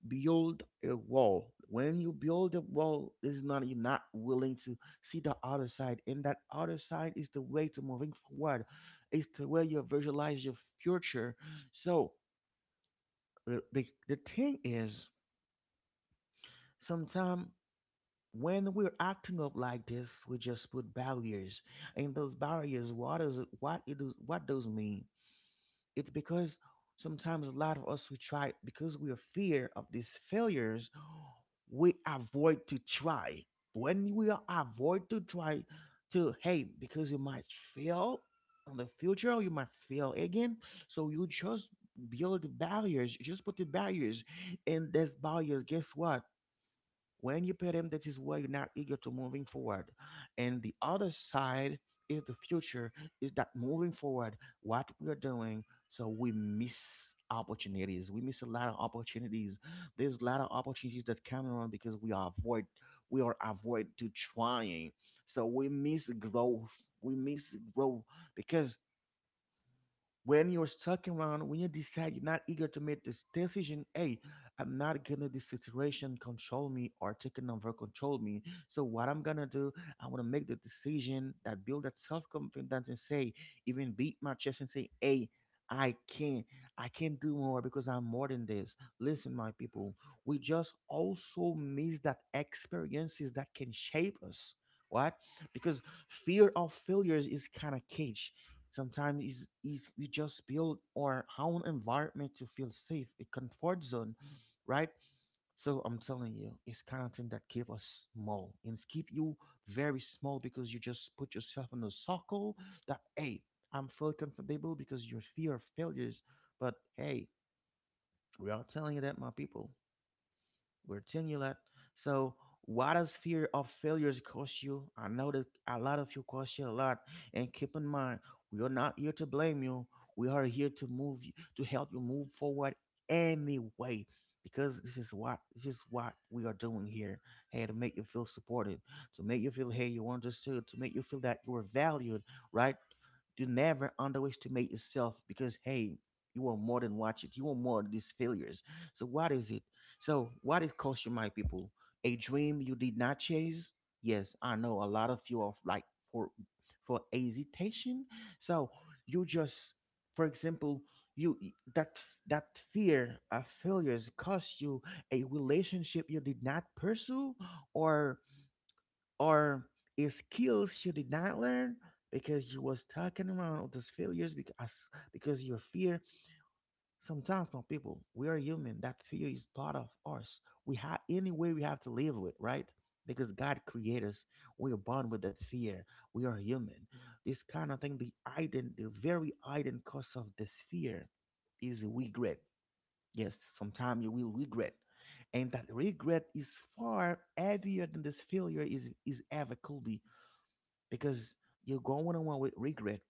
build a wall. When you build a wall, it's not you're not willing to see the other side, and that other side is the way to moving forward. It's the way you visualize your future. So the thing is, sometimes when we're acting up like this, we just put barriers. And those barriers, what is what it is what those mean? It's because sometimes a lot of us we try because we are fear of these failures, we avoid to try. When we are avoid to try to hey, because you might fail in the future, you might fail again. So you just build barriers, you just put the barriers, and these barriers, guess what? When you pay them, that is why you're not eager to moving forward. And the other side is the future, is that moving forward, what we are doing, so we miss opportunities. We miss a lot of opportunities. There's a lot of opportunities that's coming around because we are avoid to trying. So we miss growth. We miss growth because when you're stuck around, when you decide you're not eager to make this decision, hey, I'm not gonna let this situation control me or taking over control me. So what I'm gonna do, I wanna make the decision that build that self confidence and say, even beat my chest and say, hey, I can, I can do more because I'm more than this. Listen, my people, we just also miss that experiences that can shape us. What? Because fear of failures is kind of cage. Sometimes we just build our own environment to feel safe, a comfort zone, right? So I'm telling you, it's kind of thing that keep us small and it's keep you very small because you just put yourself in a circle that hey, I'm feel comfortable because you fear of failures. But hey, we are telling you that my people. We're telling you that. So, what does fear of failures cost you? I know that a lot of you cost you a lot. And keep in mind, we are not here to blame you. We are here to move you, to help you move forward anyway. Because this is what we are doing here. Hey, to make you feel supported, to make you feel hey, you understood, to make you feel that you are valued, right? Do never underestimate yourself because hey, you are more than what you are more than these failures. So what is it? So, what is culture, my people? A dream you did not chase? Yes, I know a lot of you are like for for hesitation. So you just, for example, you that that fear of failures cost you a relationship you did not pursue, or or a skills you did not learn because you was talking around with those failures because your fear. Sometimes, my people, we are human. That fear is part of us. We have any way we have to live with, right? Because God created us. We are born with that fear. We are human. This kind of thing, the hidden, the very hidden cause of this fear is regret. Yes, sometimes you will regret. And that regret is far heavier than this failure is, ever could be because you're going on with regret.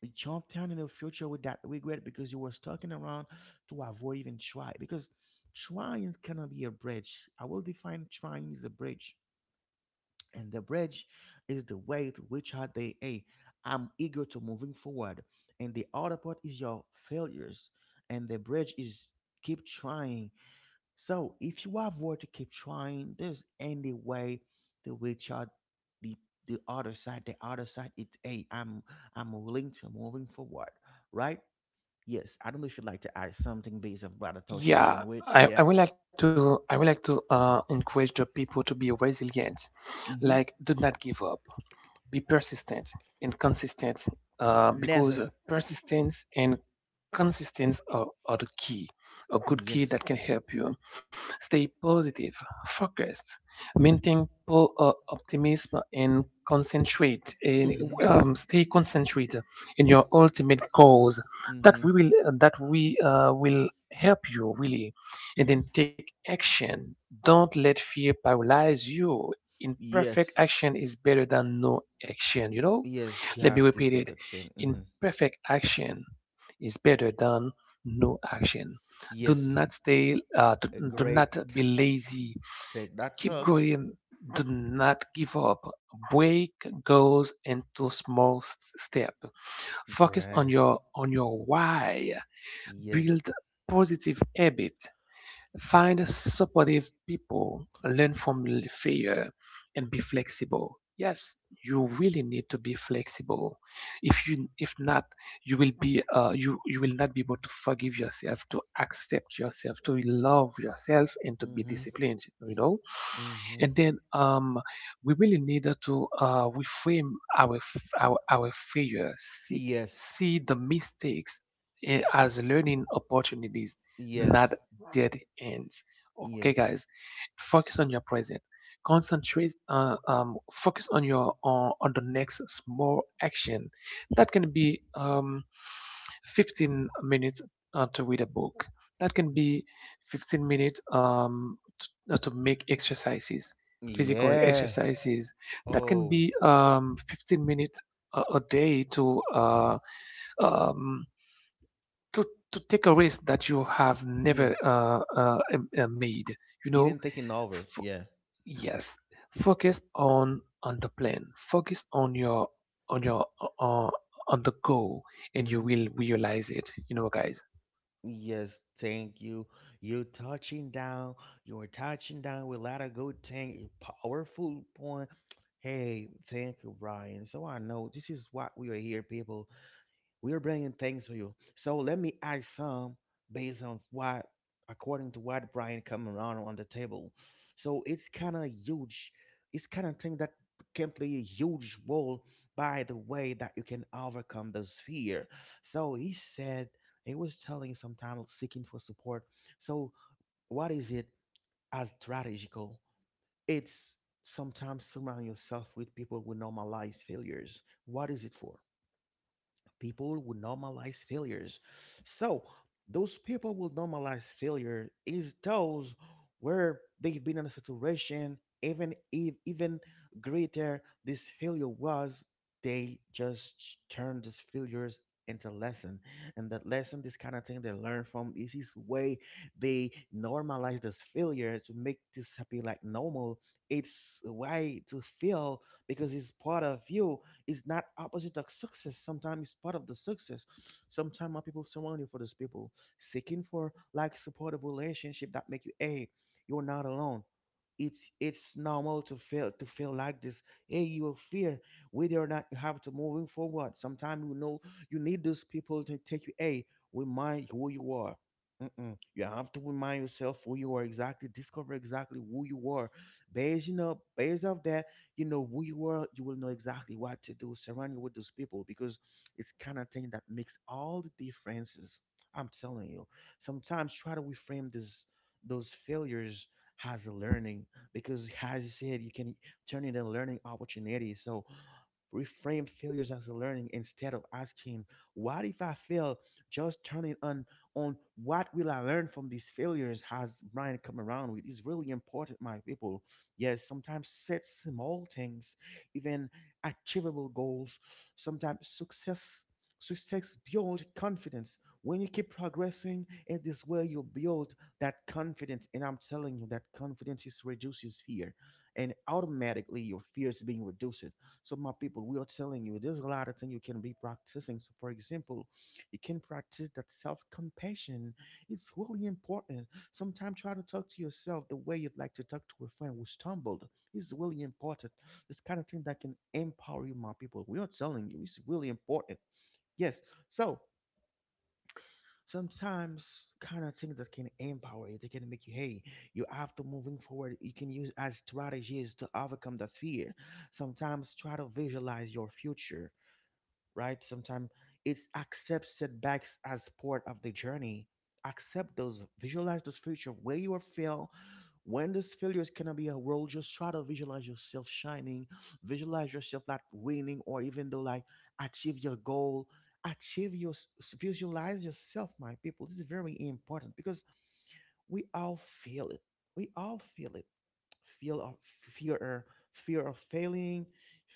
You jump down in the future with that regret because you was talking around to avoid even try. Because trying cannot be a bridge. I will define trying is a bridge. And the bridge is the way to which are they, hey, I'm eager to moving forward. And the other part is your failures. And the bridge is keep trying so if you avoid to keep trying, there's any way to reach out the the other side. The other side is hey, I'm willing to moving forward, right? Yes, I don't know if you'd like to add something based on what I'm touching down
Yeah,
with. Yeah.
I would like to, I would like to encourage the people to be resilient, like
Mm-hmm.
do not give up, be persistent and consistent, because
Never.
persistence and consistence are the key, a good key
Yes.
that can help you stay positive, focused, maintain optimism, and concentrate, and
Mm-hmm.
stay concentrated in your ultimate goals that
Mm-hmm.
we will, that we will help you really. And then
Mm-hmm.
take action. Don't let fear paralyze you. Imperfect
Yes.
action is better than no action, you know.
Yes, you
Let me
have to
repeat
take
it.
action. Mm-hmm.
Imperfect action is better than no action. Do
Yes.
not stay,
A
do
great
not
t-
be lazy.
Take that
Keep
talk.
going. Do not give up. Break goals into small step. Focus
Right.
on your why.
Yes.
Build positive habit. Find supportive people, learn from failure, and be flexible. Yes, you really need to be flexible. If you, if not, you will be, you will not be able to forgive yourself, to accept yourself, to love yourself, and to be
Mm-hmm.
disciplined. You know,
Mm-hmm.
and then, we really need to reframe our our failure. See,
Yes.
see the mistakes, as learning opportunities, not
Yes.
dead ends. Okay,
Yes.
guys, focus on your present. Concentrate. Focus on on the next small action. That can be 15 minutes to read a book. That can be 15 minutes, to make exercises, physical
Yeah.
exercises. That can
Oh,
be 15 minutes a day to, um, to to take a risk that you have never,
yeah.
made. You know.
Even taking over.
F-
Yeah.
yes, focus on the plan, focus on your, on your uh, uh, on the goal, and you
hmm
will realize it, you know, guys.
Yes. Thank you. You touching down. You're touching down with a lot of good thing, powerful point. Hey, thank you, Brian. So I know this is what we are here, people. We're bringing things to you. So let me ask some based on what, according to what Brian come around on the table. So it's kind of huge. It's kind of thing that can play a huge role by the way that you can overcome this fear. So he said he was telling sometimes seeking for support. So what is it as strategical? It's sometimes surround yourself with people who normalize failures. What is it for? People will normalize failures. So those people will normalize failure is those where they've been in a situation even if even greater this failure was they just turn these failures into lesson and that lesson this kind of thing they learn from is this way they normalize this failure to make this happy like normal, it's why to feel because it's part of you, is not opposite of success. Sometimes it's part of the success. Sometimes people surround you for those people seeking for like supportive relationship that make you hey, you're not alone. It's normal to feel like this. Hey, you will fear whether or not you have to moving forward. Sometimes you know you need those people to take you. Hey, remind who you are. Mm-mm. You have to remind yourself who you are exactly. Discover exactly who you are. Based, you know, based off that, you know who you are you will know exactly what to do surround you with those people because it's kind of thing that makes all the differences. I'm telling you sometimes try to reframe this those failures as a learning because as you said you can turn it into a learning opportunity so reframe failures as a learning instead of asking what if I fail, just turning on what will I learn from these failures has Brian come around with. It's really important my people. Yes, sometimes set small things, even achievable goals. Sometimes success build confidence. When you keep progressing in this way, you build that confidence. And I'm telling you, that confidence is reduces fear. And automatically your fear is being reduced. So my people, we are telling you there's a lot of things you can be practicing. So for example, you can practice that self-compassion. It's really important. Sometimes try to talk to yourself the way you'd like to talk to a friend who stumbled. It's really important. This kind of thing that can empower you, my people. We are telling you, it's really important. Yes. So sometimes kind of things that can empower you, they can make you, hey, you have to moving forward. You can use as strategies to overcome that fear. Sometimes try to visualize your future, right? Sometimes it's accept setbacks as part of the journey. Accept those, visualize those future where you will fail. When those failures cannot be a role, just try to visualize yourself shining, visualize yourself like winning, or even though like achieve your goal, achieve your s- visualize yourself, my people. This is very important because we all feel it. We all feel it. Fear of fear, fear of failing,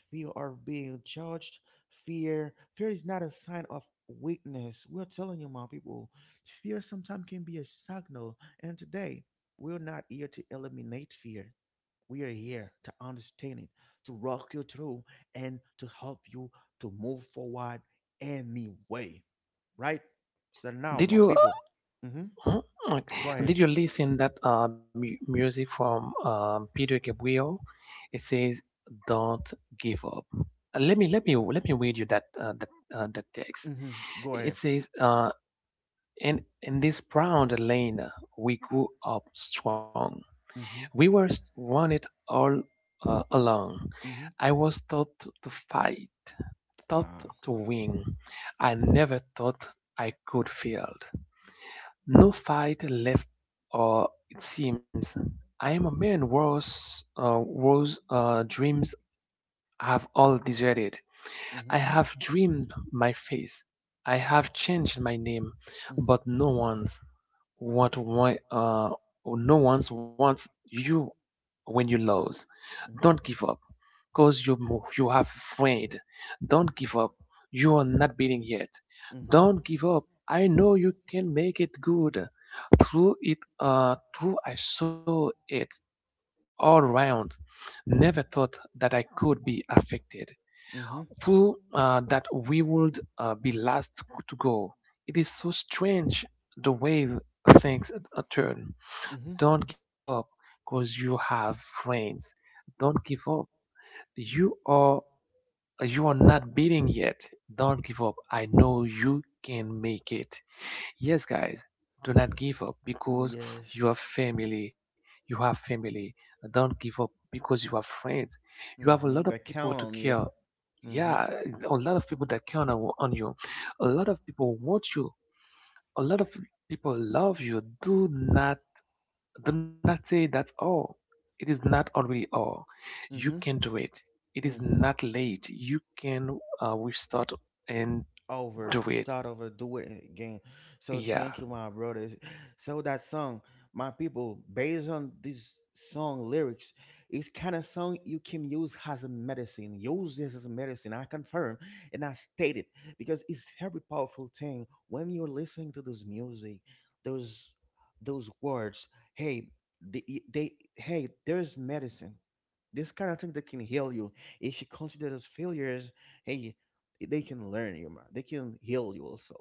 fear of being judged, fear is not a sign of weakness, we're telling you my people. Fear sometimes can be a signal and today we're not here to eliminate fear, we are here to understand it, to walk you through and to help you to move forward anyway, right? So now
Did
my
you,
people. Hmm.
uh, mm,
Go ahead.
did you listen that, music from, Peter Gabriel? It says, don't give up. Let me, let me read you that, that text.
Hmm. Go
It
ahead.
says, And in this brown lane, we grew up strong.
Hmm.
We were, won it all, along.
Hmm.
I was taught to fight, taught
uh,
to win. I never thought I could fail. No fight left, or it seems. I am a man whose, dreams have all deserted. I have dreamed my face, I have changed my name,
Mm-hmm.
but what? why uh no one's wants you when you lose. Don't give
Mm-hmm.
up, cause you you have friend. Don't give up. You are not beating yet.
Mm-hmm.
Don't give up. I know you can make it good. Through it, through I saw it all round. Never thought that I could be affected.
Mm-hmm.
True that we would be last to go. It is so strange the way things, turn.
Mm-hmm.
Don't give up because you have friends. Don't give up. You are you are not beating yet. Don't give up. I know you can make it. Yes, guys, do not give up because you
Yes.
have family. You have family. Don't give up because you have friends. You have a lot of
Mm-hmm. They
people to
count on
care.
you. Mm-hmm.
Yeah, a lot of people that count on you, a lot of people want you, a lot of people love you. Do not, do not say that's all. It is not already all. You can
Mm-hmm.
do it. It is
Mm-hmm.
not late. You can restart, and do
Over,
it.
start over, do it again. So
Yeah.
thank you, my brother. So that song, my people, based on this song lyrics, it's kind of song you can use as a medicine. Use this as a medicine. I confirm and I state it because it's very powerful thing when you're listening to this music, those those words. Hey, the, they hey, there's medicine this kind of thing that can heal you. If you consider those failures, hey, they can learn you, man. They can heal you also.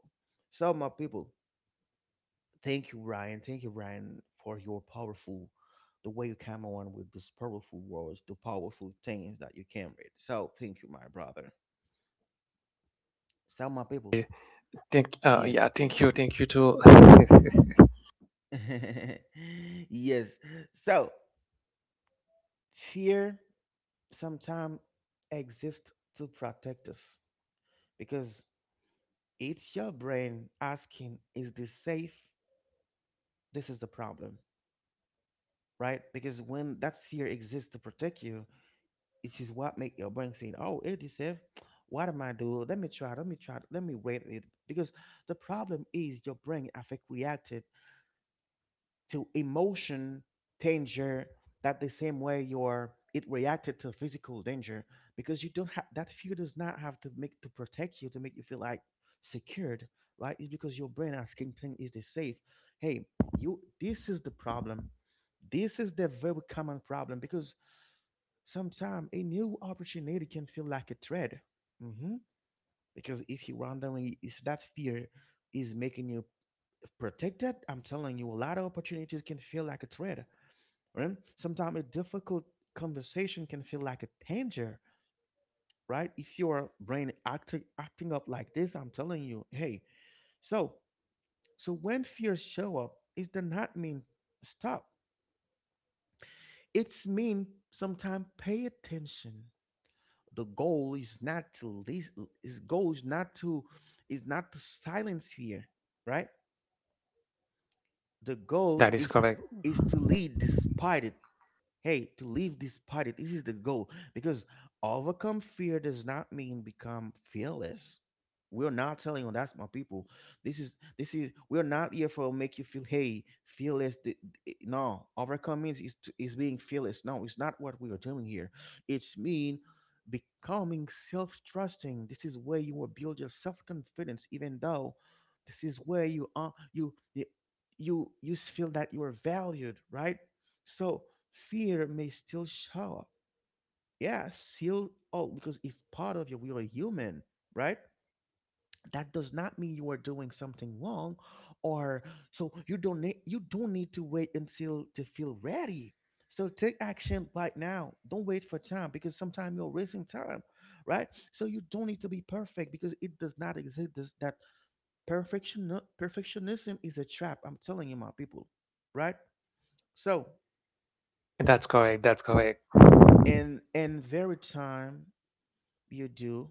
So, my people, thank you, Ryan. Thank you, Ryan, for your powerful, the way you came on with those powerful words, the powerful things that you came with. So, thank you, my brother. So, my people,
thank uh,
yeah.
yeah thank you, thank you too.
Yes. So fear sometimes exists to protect us because it's your brain asking, is this safe? This is the problem, right? Because when that fear exists to protect you, it is what make your brain say, oh, it is safe. What am I do? Let me try. Let me try. Let me wait it. Because the problem is your brain have reacted to emotion danger that the same way your it reacted to physical danger because you don't have that fear does not have to make to protect you to make you feel like secured, right? It's because your brain asking thing is this safe. Hey, you this is the problem. This is the very common problem because sometimes a new opportunity can feel like a threat. Hmm. Because if you're wondering if that fear is making you protected, I'm telling you a lot of opportunities can feel like a threat, right? Sometimes a difficult conversation can feel like a danger, right? If your brain acting up like this, I'm telling you, hey. So so when fears show up, it does not mean stop. It's mean sometimes pay attention. The goal is not to least, his goal is not to silence fear, right? The
That
goal
is correct.
is to lead despite it. Hey, to leave this party, this is the goal. Because overcome fear does not mean become fearless. We're not telling you that's my people. This is this is we're not here for make you feel hey fearless. No, overcome means is to- is being fearless. No, it's not what we are doing here. It's mean becoming self-trusting. This is where you will build your self-confidence, even though this is where you are you you you you s- feel that you are valued, right? So fear may still show up. Yeah, still. Oh, because it's part of you. You're a human, right? That does not mean you are doing something wrong, or so you don't need. You don't need to wait until to feel ready. So take action right now. Don't wait for time because sometimes you're wasting time, right? So you don't need to be perfect because it does not exist. This, that Perfection perfectionism is a trap. I'm telling you, my people, right? So
That's correct. That's correct.
in very time you do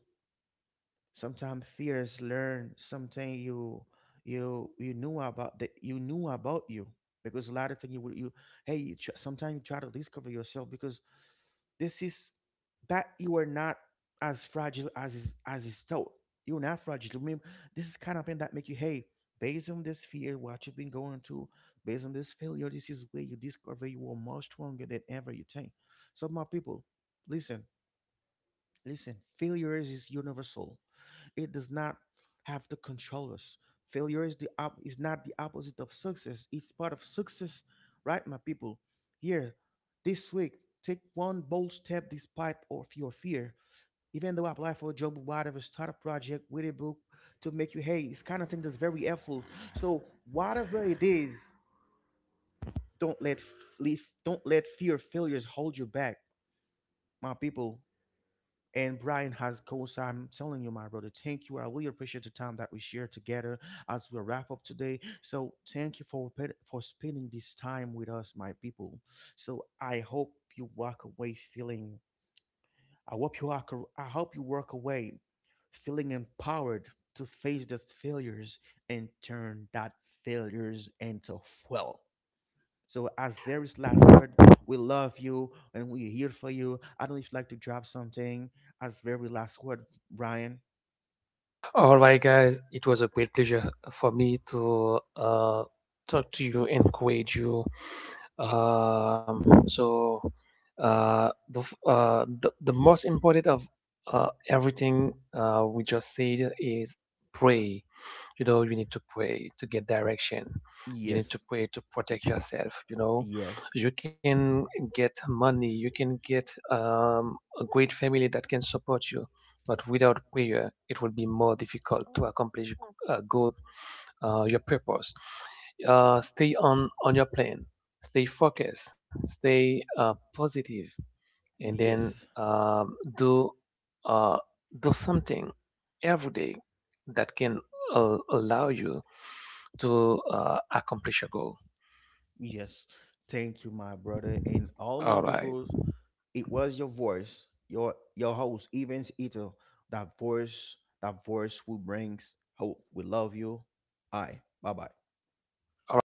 sometimes fears learn something you you knew about that you knew about you because a lot of things you would you hey sometimes you try to discover yourself because this is that you are not as fragile as is thought. You're not fragile, remember. This is kind of thing that make you hey, based on this fear what you've been going through, based on this failure, this is where you discover you are much stronger than ever you think. So my people, listen listen, failures is universal, it does not have to control us. Failure is the is not the opposite of success. It's part of success, right, my people? Here, this week, take one bold step despite of your fear. Even though apply for a job, whatever, start a project, with a book to make you hey, it's kind of thing that's very helpful. So whatever it is, don't let f- leave, don't let fear of failures hold you back, my people. And Brian has goals. I'm telling you, my brother, thank you. I really appreciate the time that we share together as we wrap up today. So thank you for spending this time with us, my people. So I hope you walk away feeling. I hope you walk. I hope you walk away feeling empowered to face those failures and turn that failures into fuel. So as Larry's last word, we love you and we're here for you. I don't know if you'd like to drop something as very last word, Brian.
All right, guys, it was a great pleasure for me to talk to you, encourage you. So, the most important of everything we just said is pray. You know, you need to pray to get direction. You need
Yes,
to pray to protect yourself. You know,
yes,
you can get money, you can get, a great family that can support you, but without prayer, it will be more difficult to accomplish goals, your purpose. Stay on your plan. Stay focused. Stay positive, and then
yes,
um, do uh, do something every day that can allow you to accomplish your goal.
yes. Thank you, my brother, and all
All
my
right,
people. It was your voice, your host, Evans Ito. That voice, that voice who brings hope. We love you. Aye. Bye bye.
all right.